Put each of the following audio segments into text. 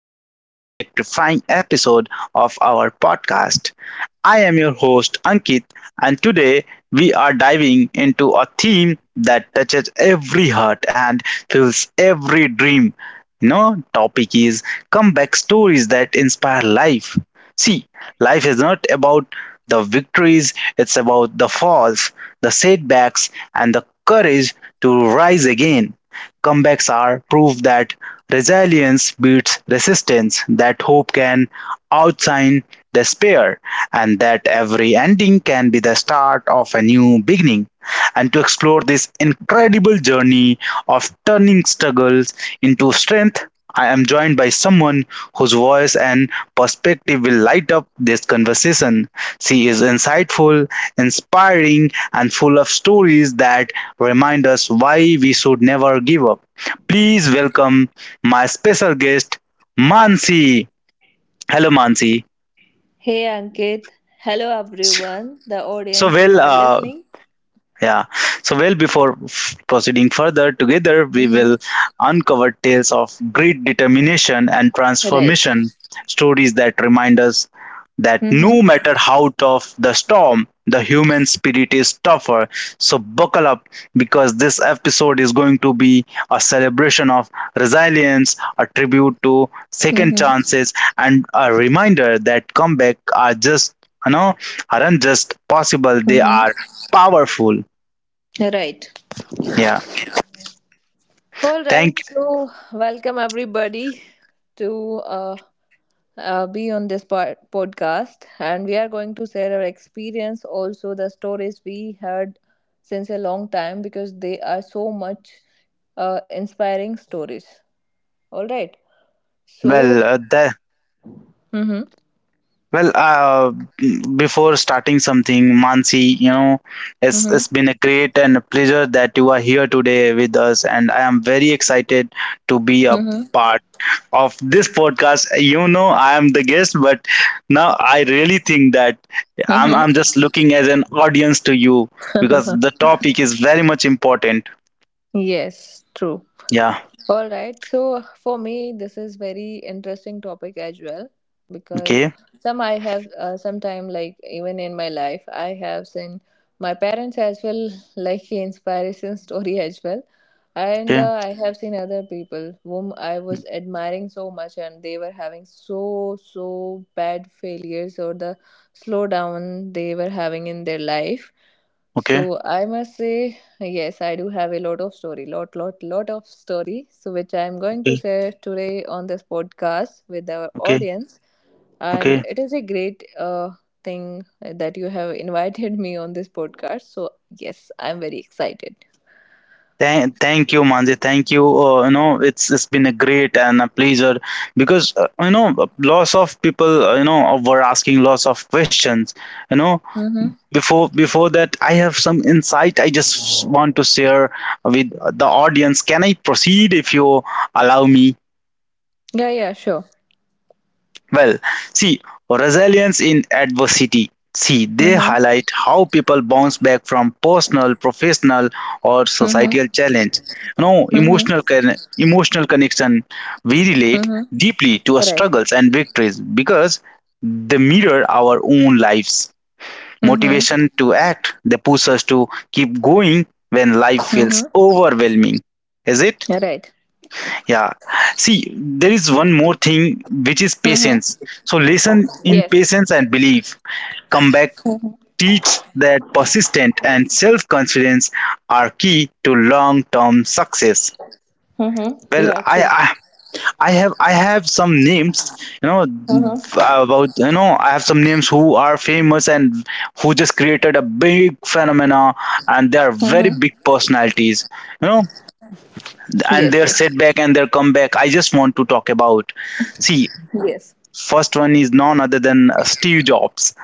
to another electrifying episode of our podcast. I am your host, Ankit, and today we are diving into a theme that touches every heart and fills every dream. No topic is comeback stories that inspire life. See, life is not about the victories, it's about the falls, the setbacks, and the courage to rise again. Comebacks are proof that resilience beats resistance, that hope can outshine despair, and that every ending can be the start of a new beginning. And to explore this incredible journey of turning struggles into strength, I am joined by someone whose voice and perspective will light up this conversation. She is insightful, inspiring, and full of stories that to remind us why we should never give up. Please welcome my special guest, Mansi. Hello, Mansi. Hey Ankit, hello everyone, the So, audience well, who are uh, listening. Yeah. So, before proceeding further, together we Mm-hmm. will uncover tales of great determination and Right. transformation, stories that remind us that no Mm-hmm. matter how tough the storm, the human spirit is tougher. So, buckle up because this episode is going to be a celebration of resilience, a tribute to second Mm-hmm. chances, and a reminder that comeback are just, you know aren't just possible, they are Mm-hmm. powerful. Right. Yeah. All right. Thank So welcome everybody to uh, be on this podcast, and we are going to share our experience, also the stories we heard since a long time because they are so much inspiring stories. All right. So. Well, uh, the Mm-hmm. well, uh, Before starting something, Mansi, you know, Mm-hmm. it's been a great and a pleasure that you are here today with us, and I am very excited to be a Mm-hmm. part of this podcast. You know, I am the guest, but now I really think that I'm just looking as an audience to you because Mm-hmm. the topic is very much important. Yes, true. Yeah. All right. So for me, this is very interesting topic as well because Okay. some I have sometime, like even in my life I have seen my parents as well, like inspiration story as well, and Okay. I have seen other people whom I was admiring so much and they were having so bad failures or the slowdown they were having in their life. Okay. So I must say yes, I do have a lot of story, lot, lot, lot of story. So which I am going to Okay. share today on this podcast with our Okay. audience. And Okay. it is a great thing that you have invited me on this podcast. So yes, I am very excited. Thank you, Manji. Thank you. It's been a great and a pleasure because, lots of people, were asking lots of questions. You know, Mm-hmm. before that, I have some insight. I just want to share with the audience. Can I proceed if you allow me? Yeah, yeah, sure. Well, see, resilience in adversity. See, they Mm-hmm. highlight how people bounce back from personal, professional, or societal Mm-hmm. challenge. Mm-hmm. Emotional emotional connection. We relate Mm-hmm. deeply to our Right. struggles and victories because they mirror our own lives. Mm-hmm. Motivation to act. They push us to keep going when life feels Mm-hmm. overwhelming. Is it? Right. Yeah. See, there is one more thing which is Mm-hmm. patience. So, listen in Yes. patience and believe. Come back, Mm-hmm. teach that persistence and self confidence are key to long term success. Mm-hmm. Well, Yeah, true. I have some names, you know, Mm-hmm. about you know I have some names who are famous and who just created a big phenomena and they are very Mm-hmm. big personalities, you know, and Yes, their yes, setback and their comeback. I just want to talk about. See, yes. first one is none other than Steve Jobs.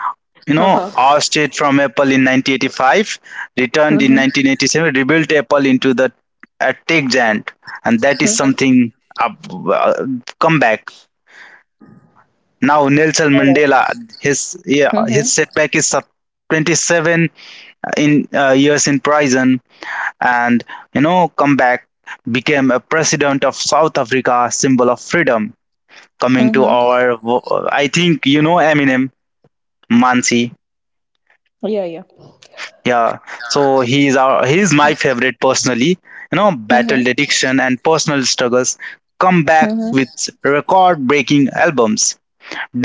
You know, Haha. ousted from Apple in 1985, returned in Mm-hmm. 1987, rebuilt Apple into the a tech giant, and that is Mhm. something, uh, uh, comeback. Now Nelson Alright. Mandela, his, yeah, his Mhm. setback is 27, in years in prison, and, comeback, became a president of South Africa, symbol of freedom. Coming to Mhm. our, I think you know Eminem, Mansi. Yeah, yeah. Yeah, so he's my favorite personally. You know, Mhm. battled addiction and personal struggles, come back Mhm. with record-breaking albums.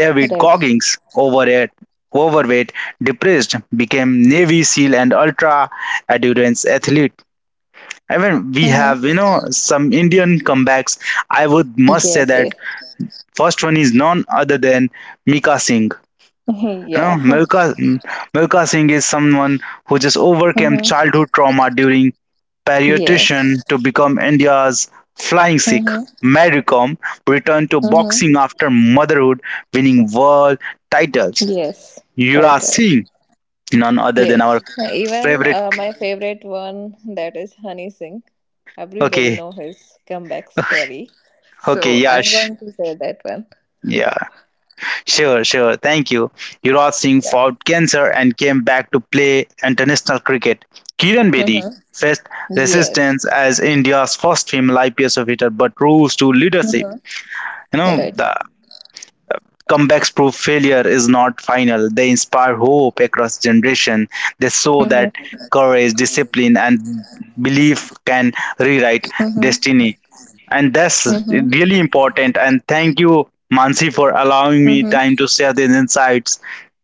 David Right. Goggins, overweight, depressed, became Navy SEAL and ultra endurance athlete. I mean, we have, Mhm. Some Indian comebacks. I would must say Yes, that yes. first one is none other than Mika Singh. You know, yeah. Milka, Milka Singh is someone who just overcame Mhm. childhood trauma during Yes. paediatrician to become India's flying Sikh. Mhm. Mary Kom returned to Mhm. boxing after motherhood, winning world titles. Yes. Right, Yuvraj right. Singh, none other than Yes. our Even favorite. My favorite one, that is Honey Singh. Everybody Okay, know his comeback story. okay, So I'm Yash. going to say that one. Yeah, sure, sure. Thank you. Yuvraj Singh Yeah. fought cancer and came back to play international cricket. Kiran Bedi Mhm. faced resistance Yes. as India's first female IPS officer but rose to leadership. Mhm. You know, Right. the Comebacks prove failure is not final. They inspire hope across generation. They show that Mhm. courage, discipline, and belief can rewrite Mhm. destiny. And that's Mhm. really important. And thank you, Mansi, for allowing me Mhm. time to share these insights.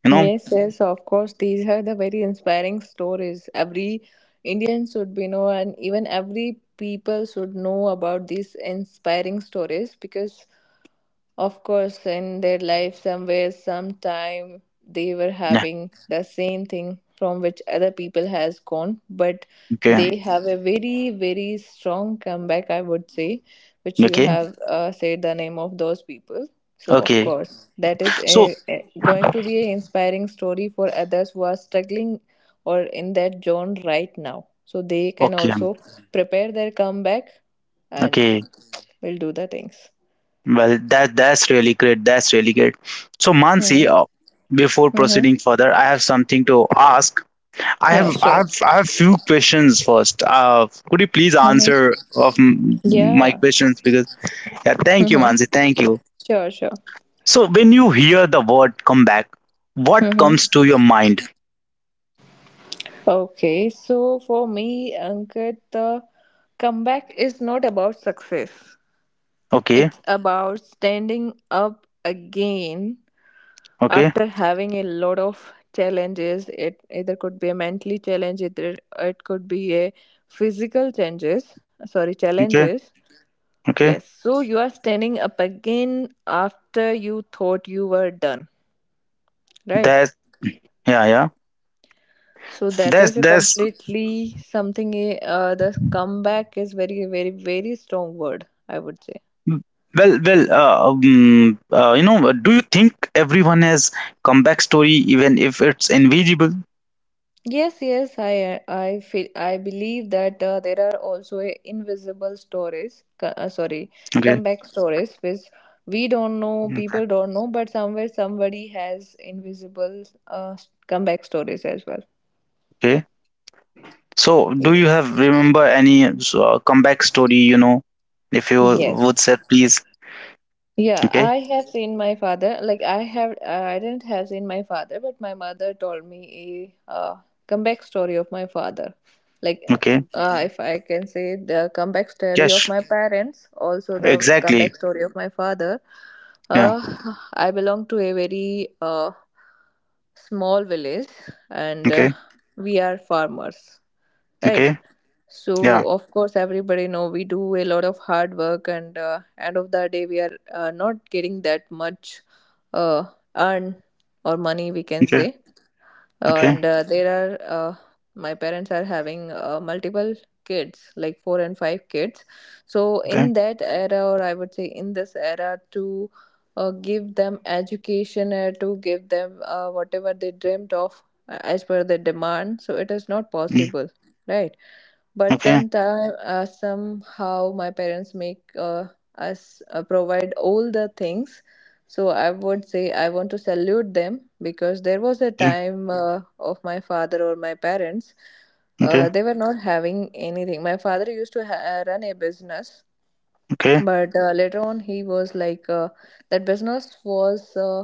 You know, Yes, yes, of course. These are the very inspiring stories. Every Indian should be know, and even every people should know about these inspiring stories because of course, in their life, somewhere, sometime, they were yeah. having the same thing from which other people has gone, but Okay. they have a very, very strong comeback, I would say, which you Okay. have said the name of those people. So, of Okay. course, that is a, So, going to be an inspiring story for others who are struggling or in that zone right now. So they can okay. also prepare their comeback and Okay. will do the things. Well, that's really great. That's really great. So, Mansi, Mm-hmm. Before proceeding further, I have something to ask. Yeah, sure. I have few questions first. Could you please Mm-hmm. answer of my Yeah. questions, because, yeah, thank you, Mm-hmm. Mansi. Thank you. Sure, sure. So when you hear the word comeback, what comes Mm-hmm. to your mind? Okay, so for me, Ankit, the comeback is not about success. Okay, It's about standing up again okay, after having a lot of challenges. It either could be a mentally challenge, either it could be a physical changes. Sorry, okay, challenges. okay. Yes, so you are standing up again after you thought you were done, right? That's, yeah, yeah. So that is a That's completely something. The comeback is very strong word, I would say. well. Do you think everyone has comeback story even if it's invisible? Yes, yes. I feel, I believe that there are also a invisible stories. Okay, Comeback stories which we don't know. okay, People don't know, but somewhere somebody has invisible uh, comeback stories as well. okay. So, do you Yes. have remember any comeback story, if you Yes. would say please? Yeah, Okay, I have seen my father. I didn't have seen my father, but my mother told me a comeback story of my father. Like, okay. If I can say the comeback story of Yes, my parents, also the exactly. comeback story of my father. Yeah, Uh, I belong to a very small village, and okay, we are farmers, right? okay. Yeah, So of course, everybody know we do a lot of hard work, and end of the day, we are not getting that much uh, earn or money, we can okay, say. okay, And there are my parents are having multiple kids, like four and five kids. So okay, in that era, or I would say in this era, to give them education, to give them whatever they dreamt of, as per the demand, so it is not mm, possible, right? But okay, sometime somehow my parents make us provide all the things. So I would say I want to salute them because there was a yeah, time of my father or my parents, okay, they were not having anything. My father used to run a business, okay. but later on he was like that business was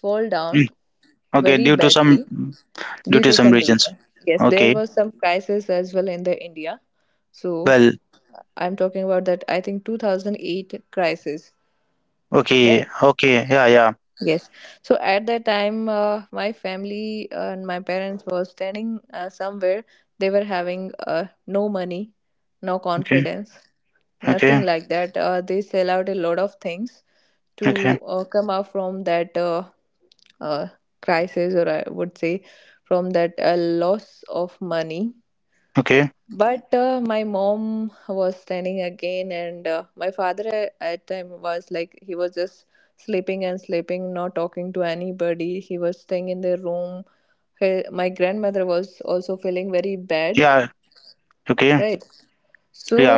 fall down Mm, okay, very due to some, badly due to some reasons. reason. Yes, there Okay. was some crisis as well in the India. So Well, I'm talking about that. I think 2008 crisis, okay, right? okay. Yeah, yeah. Yes. So at that time, my family and my parents were standing somewhere. They were having no money, no Okay, confidence, nothing okay, like that. They sell out a lot of things to okay, come out from that uh, crisis, or I would say, from that loss of money. okay. But my mom was standing again, and my father at time was like he was just sleeping and sleeping, not talking to anybody, he was staying in their room. My grandmother was also feeling very bad, Yeah, okay. right? So Yeah.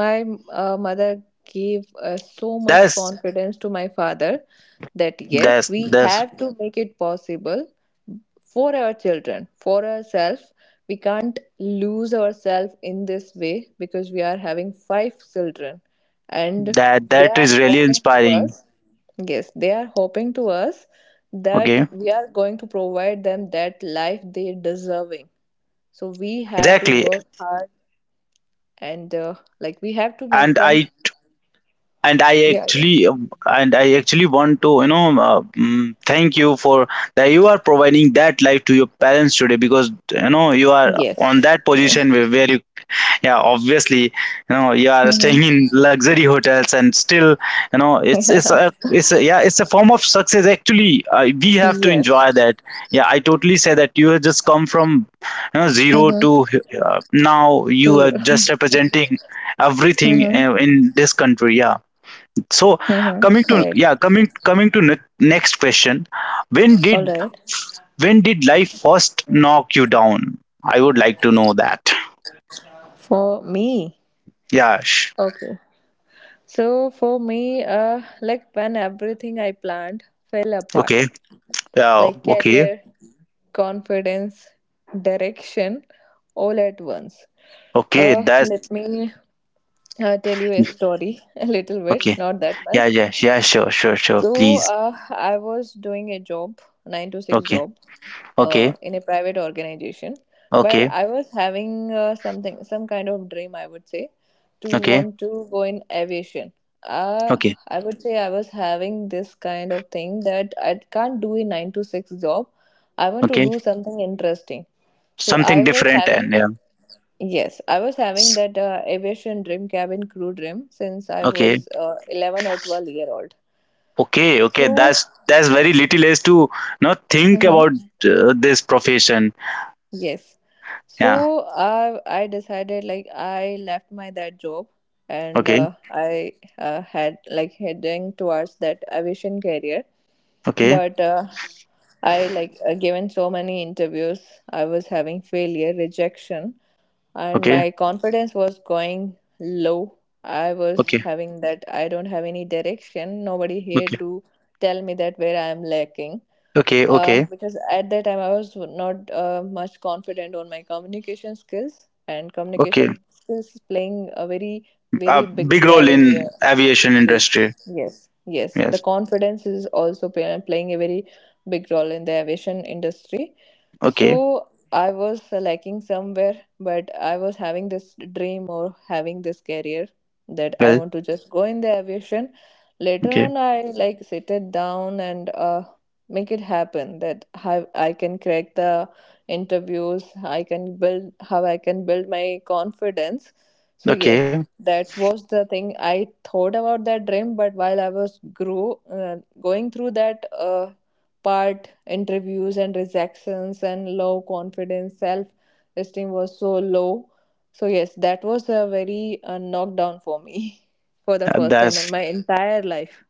my mother gave so much That's confidence to my father that yes, that's we that's have to make it possible for our children, for ourselves. We can't lose ourselves in this way because we are having 5 children, and they that are is really hoping to inspiring. us. Yes, they are hoping to us that Okay. we are going to provide them that life they deserving. So we have to Exactly. work hard, and like we have to make and them. I Yeah, yeah, and I actually want to, thank you for that you are providing that life to your parents today, because, you are on yes. that position where you, yeah, obviously, you are staying Mm-hmm. in luxury hotels and still, you know Yeah. It's a yeah, it's a form of success actually. We have to enjoy Yes. that. Yeah, I totally say that you have just come from, zero to, Mm-hmm. Now you We do. are just representing everything, Mm-hmm. In this country. Yeah. So, Mm-hmm. coming to All right. yeah, coming to next question. when All did right. when did life first knock you down? I would like to know that. For me. Yeah. Okay, so for me, like when everything I planned fell apart, Okay. Yeah, like okay. career, confidence, direction, all at once. Okay, that's Let me tell you a story, a little bit, okay. not that Yeah, much. yeah, yeah, sure, sure, sure. So Please. I was doing a job, nine to six Okay. job, Okay. in a private organization. But Okay. I was having something, some kind of dream, I would say, to Okay. want to go in aviation. Uh, Okay. I would say I was having this kind of thing that I can't do a 9 to 6 job. I want to Okay. do something interesting. So Something I was different and having, yeah. yes, I was having S- that aviation dream, cabin crew dream, since I Okay. was 11 or 12-year-old. Okay. Okay. So That's very little as to not think about mm-hmm. This profession. Yes. So Yeah. I decided, like I left my that job, and Okay. I had like heading towards that aviation career, Okay. but I, like, given so many interviews, I was having failure, rejection, and Okay. my confidence was going low. I was Okay. having that I don't have any direction, nobody here Okay. to tell me that where I am lacking. Okay. Okay. Because at that time I was not much confident on my communication skills, and Okay. communication skills is playing a very, very A big big role role in your in aviation this. industry. Yes, yes, the Yes. confidence is also playing a very big role in the aviation industry. So Okay. I was lacking somewhere, but I was having this dream or having this career, that I Well, want to just go in the aviation. Later okay. on I like sit it down and make it happen, that how I can crack the interviews, I can build how I can build my confidence. So yes, Okay. that was the thing I thought about that dream. But while I was grow going through that part, interviews and rejections and low confidence, self esteem was so low. So yes, that was a very knockdown for me for the Uh, first time in that's my entire life.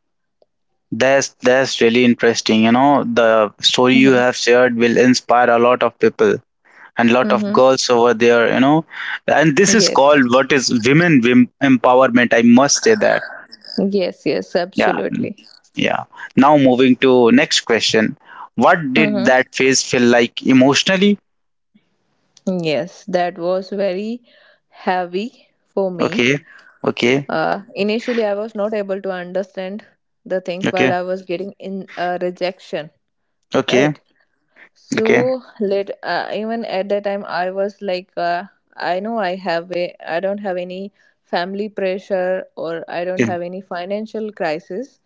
that's really interesting. You know, the story you Mm-hmm. have shared will inspire a lot of people and lot of Mm-hmm. girls over there. And this is called Yes, what is women empowerment. I must say that. yes, yes, Yeah, absolutely. yeah. Now moving to next question. What did Mm-hmm. that phase feel like emotionally? Yes, that was very heavy for me. Okay. Okay. Initially, I was not able to understand the things while Okay. I was getting in rejection, Okay. Okay. right? Okay. So let even at that time, I was like, I know I have a, I don't have any family pressure or I don't Okay. have any financial crisis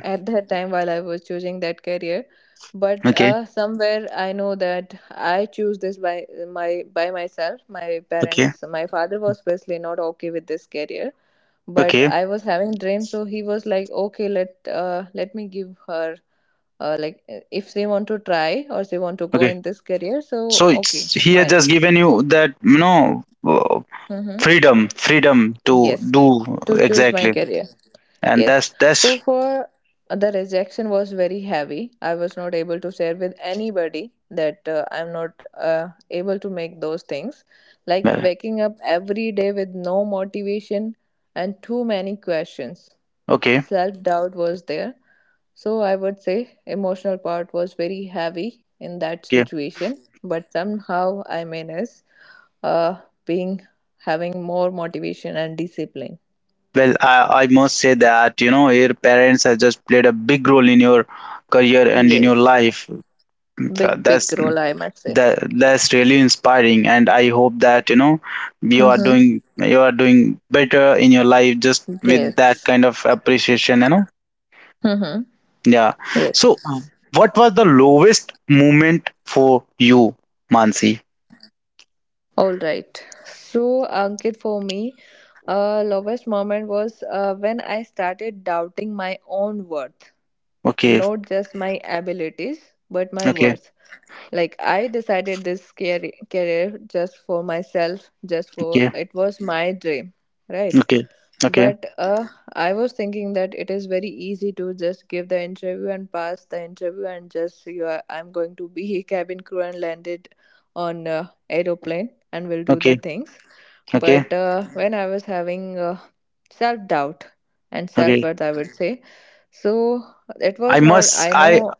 at that time while I was choosing that career. But Okay. Somewhere I know that I choose this by my by myself. My Okay. parents, my father was basically not okay with this career, but Okay. I was having dreams, so he was like, okay, let me give her if they want to try or they want to go Okay. in this career, so So, okay, it's, he has fine. just given you that, Mm-hmm. freedom, freedom to Yes, do to choose my exactly, career. and Yes. So that's for the rejection was very heavy. I was not able to share with anybody that I'm not able to make those things. Like well, waking up every day with no motivation and too many questions. okay, Self doubt was there. So I would say emotional part was very heavy in that okay. situation, but somehow I managed uh, being having more motivation and discipline. Well, I must say that, your parents have just played a big role in your career and in your Yes, life. big, big That's role, I must say. That's really inspiring, and I hope that, you are Mm-hmm. doing, better in your life just with that Yes. kind of appreciation. Mm-hmm. Yeah. Yes. So, what was the lowest moment for you, Mansi? All right. So Ankit, for me, lowest moment was when I started doubting my own worth, Okay, not just my abilities but my okay. worth. Like I decided this career just for myself, just for Okay. it was my dream, right? Okay, okay, But I was thinking that it is very easy to just give the interview and pass the interview and just I'm going to be a cabin crew and landed on aeroplane and will do the okay, things. okay, But when I was having self doubt and self okay. worth, I would say. So it I was not, must, I I, know.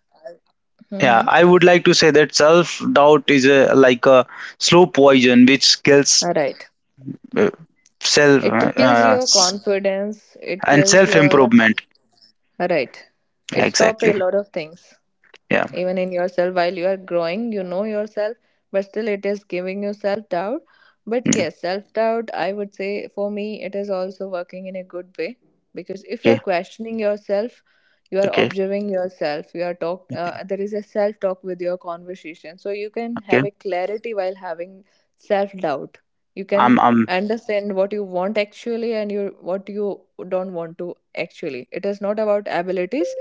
yeah, Mm-hmm. I would like to say that self-doubt is a, like, a slow poison which All kills, right. uh, self, It kills your confidence. It and kills your, self-improvement. right. It Yeah, stop a exactly. lot of things Yeah. even in yourself while you are growing, you know yourself but still it is giving you self doubt. But Mm. yes, self doubt, I would say, for me it is also working in a good way, because if you are Okay, questioning yourself, you are okay, observing yourself, you are talk there is a self talk with your conversation, so you can okay. have a clarity while having self doubt. You can I'm, I'm, understand what you want actually, and you what you don't want to actually. It is not about abilities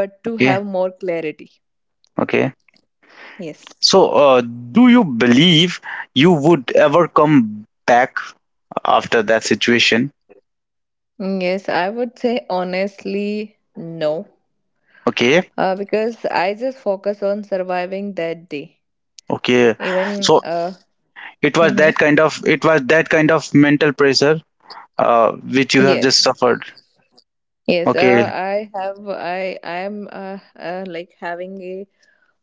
but to okay, have more clarity. okay. Yes. So, do you believe you would ever come back after that situation? Mm, yes, I would say honestly no. Okay, Because I just focus on surviving that day. okay. Even So, uh it was Hmm. that kind of, mental pressure, uh, which you have just Yes. suffered. Yes, Okay, I have I am like having a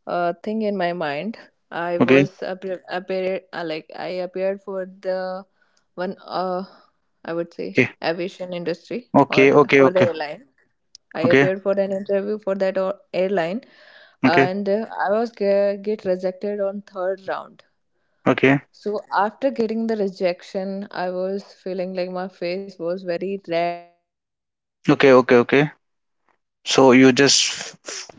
thing in my mind. I okay, was appeared, I appeared for the one I would say okay, aviation industry okay, or okay, for the okay, airline. I okay, appeared for an interview for that or airline, okay, and I was get rejected on third round. okay, So after getting the rejection, I was feeling like my face was very red. okay, okay, okay. So you just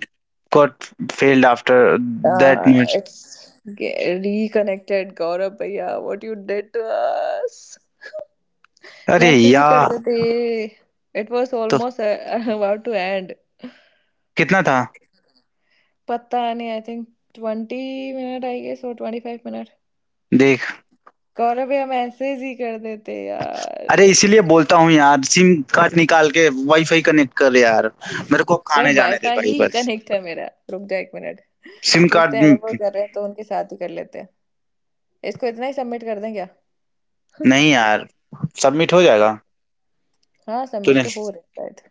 got failed after that Uh, much. it's reconnected, Gaurav भैया. What you did to us? अरे message ही कर यार। देते it was तो almost about two and कितना था? पता नहीं I think twenty minute I guess और ट्वेंटी फाइव मिनट देख। गौरव भैया मैसेज ही कर देते यार अरे, इसीलिए बोलता हूँ यार, सिम कार्ड निकाल के वाईफाई कनेक्ट कर यार। मेरे को कोई खाने जाने दे वाईफाई भाई, ही बस। कनेक्ट है मेरा रुक जा एक मिनट सिम पूछते कार्ड। हैं अगर वो कर रहे हैं तो उनके साथ ही कर लेते हैं इसको इतना ही सबमिट कर दें क्या नहीं यार, सबमिट हो जाएगा। सबमिट तो तूने हो रहा है शायद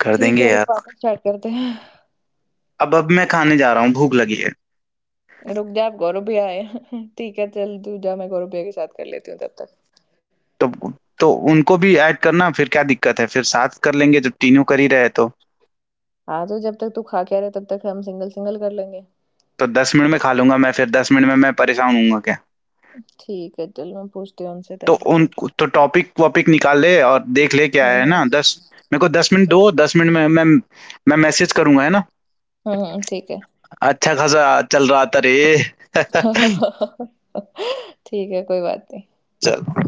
कर ठीक है देंगे रुक यार। वापस स्टार्ट करते हैं अब मैं खाने जा रहा हूँ, भूख लगी है। रुक जा आप गौरव भैया आए हैं ठीक है चल तू जा मैं गौरव भैया के साथ कर लेती हूँ तब तक तो तो उनको भी ऐड करना, फिर क्या दिक्कत है? फिर साथ कर लेंगे, जब तीनों कर ही रहे हैं तो। हाँ तो जब तक तू खा के आ रहा है तब तक हम सिंगल सिंगल कर लेंगे तो 10 मिनट में खा लूँगा मैं, फिर 10 मिनट में मैं परेशान होऊँगा क्या? ठीक है चल मैं पूछती हूँ उनसे तब तो तक उन तो टॉपिक वॉपिक निकाल ले और देख ले, क्या हम्म है हम्म ना। 10, मेरे को 10 मिनट दो, ठीक है 10 मिनट में मैं मैं मैसेज करूँगा, है ना? हम्म हम्म, ठीक है अच्छा खासा चल रहा था रे। ठीक है कोई बात नहीं चल।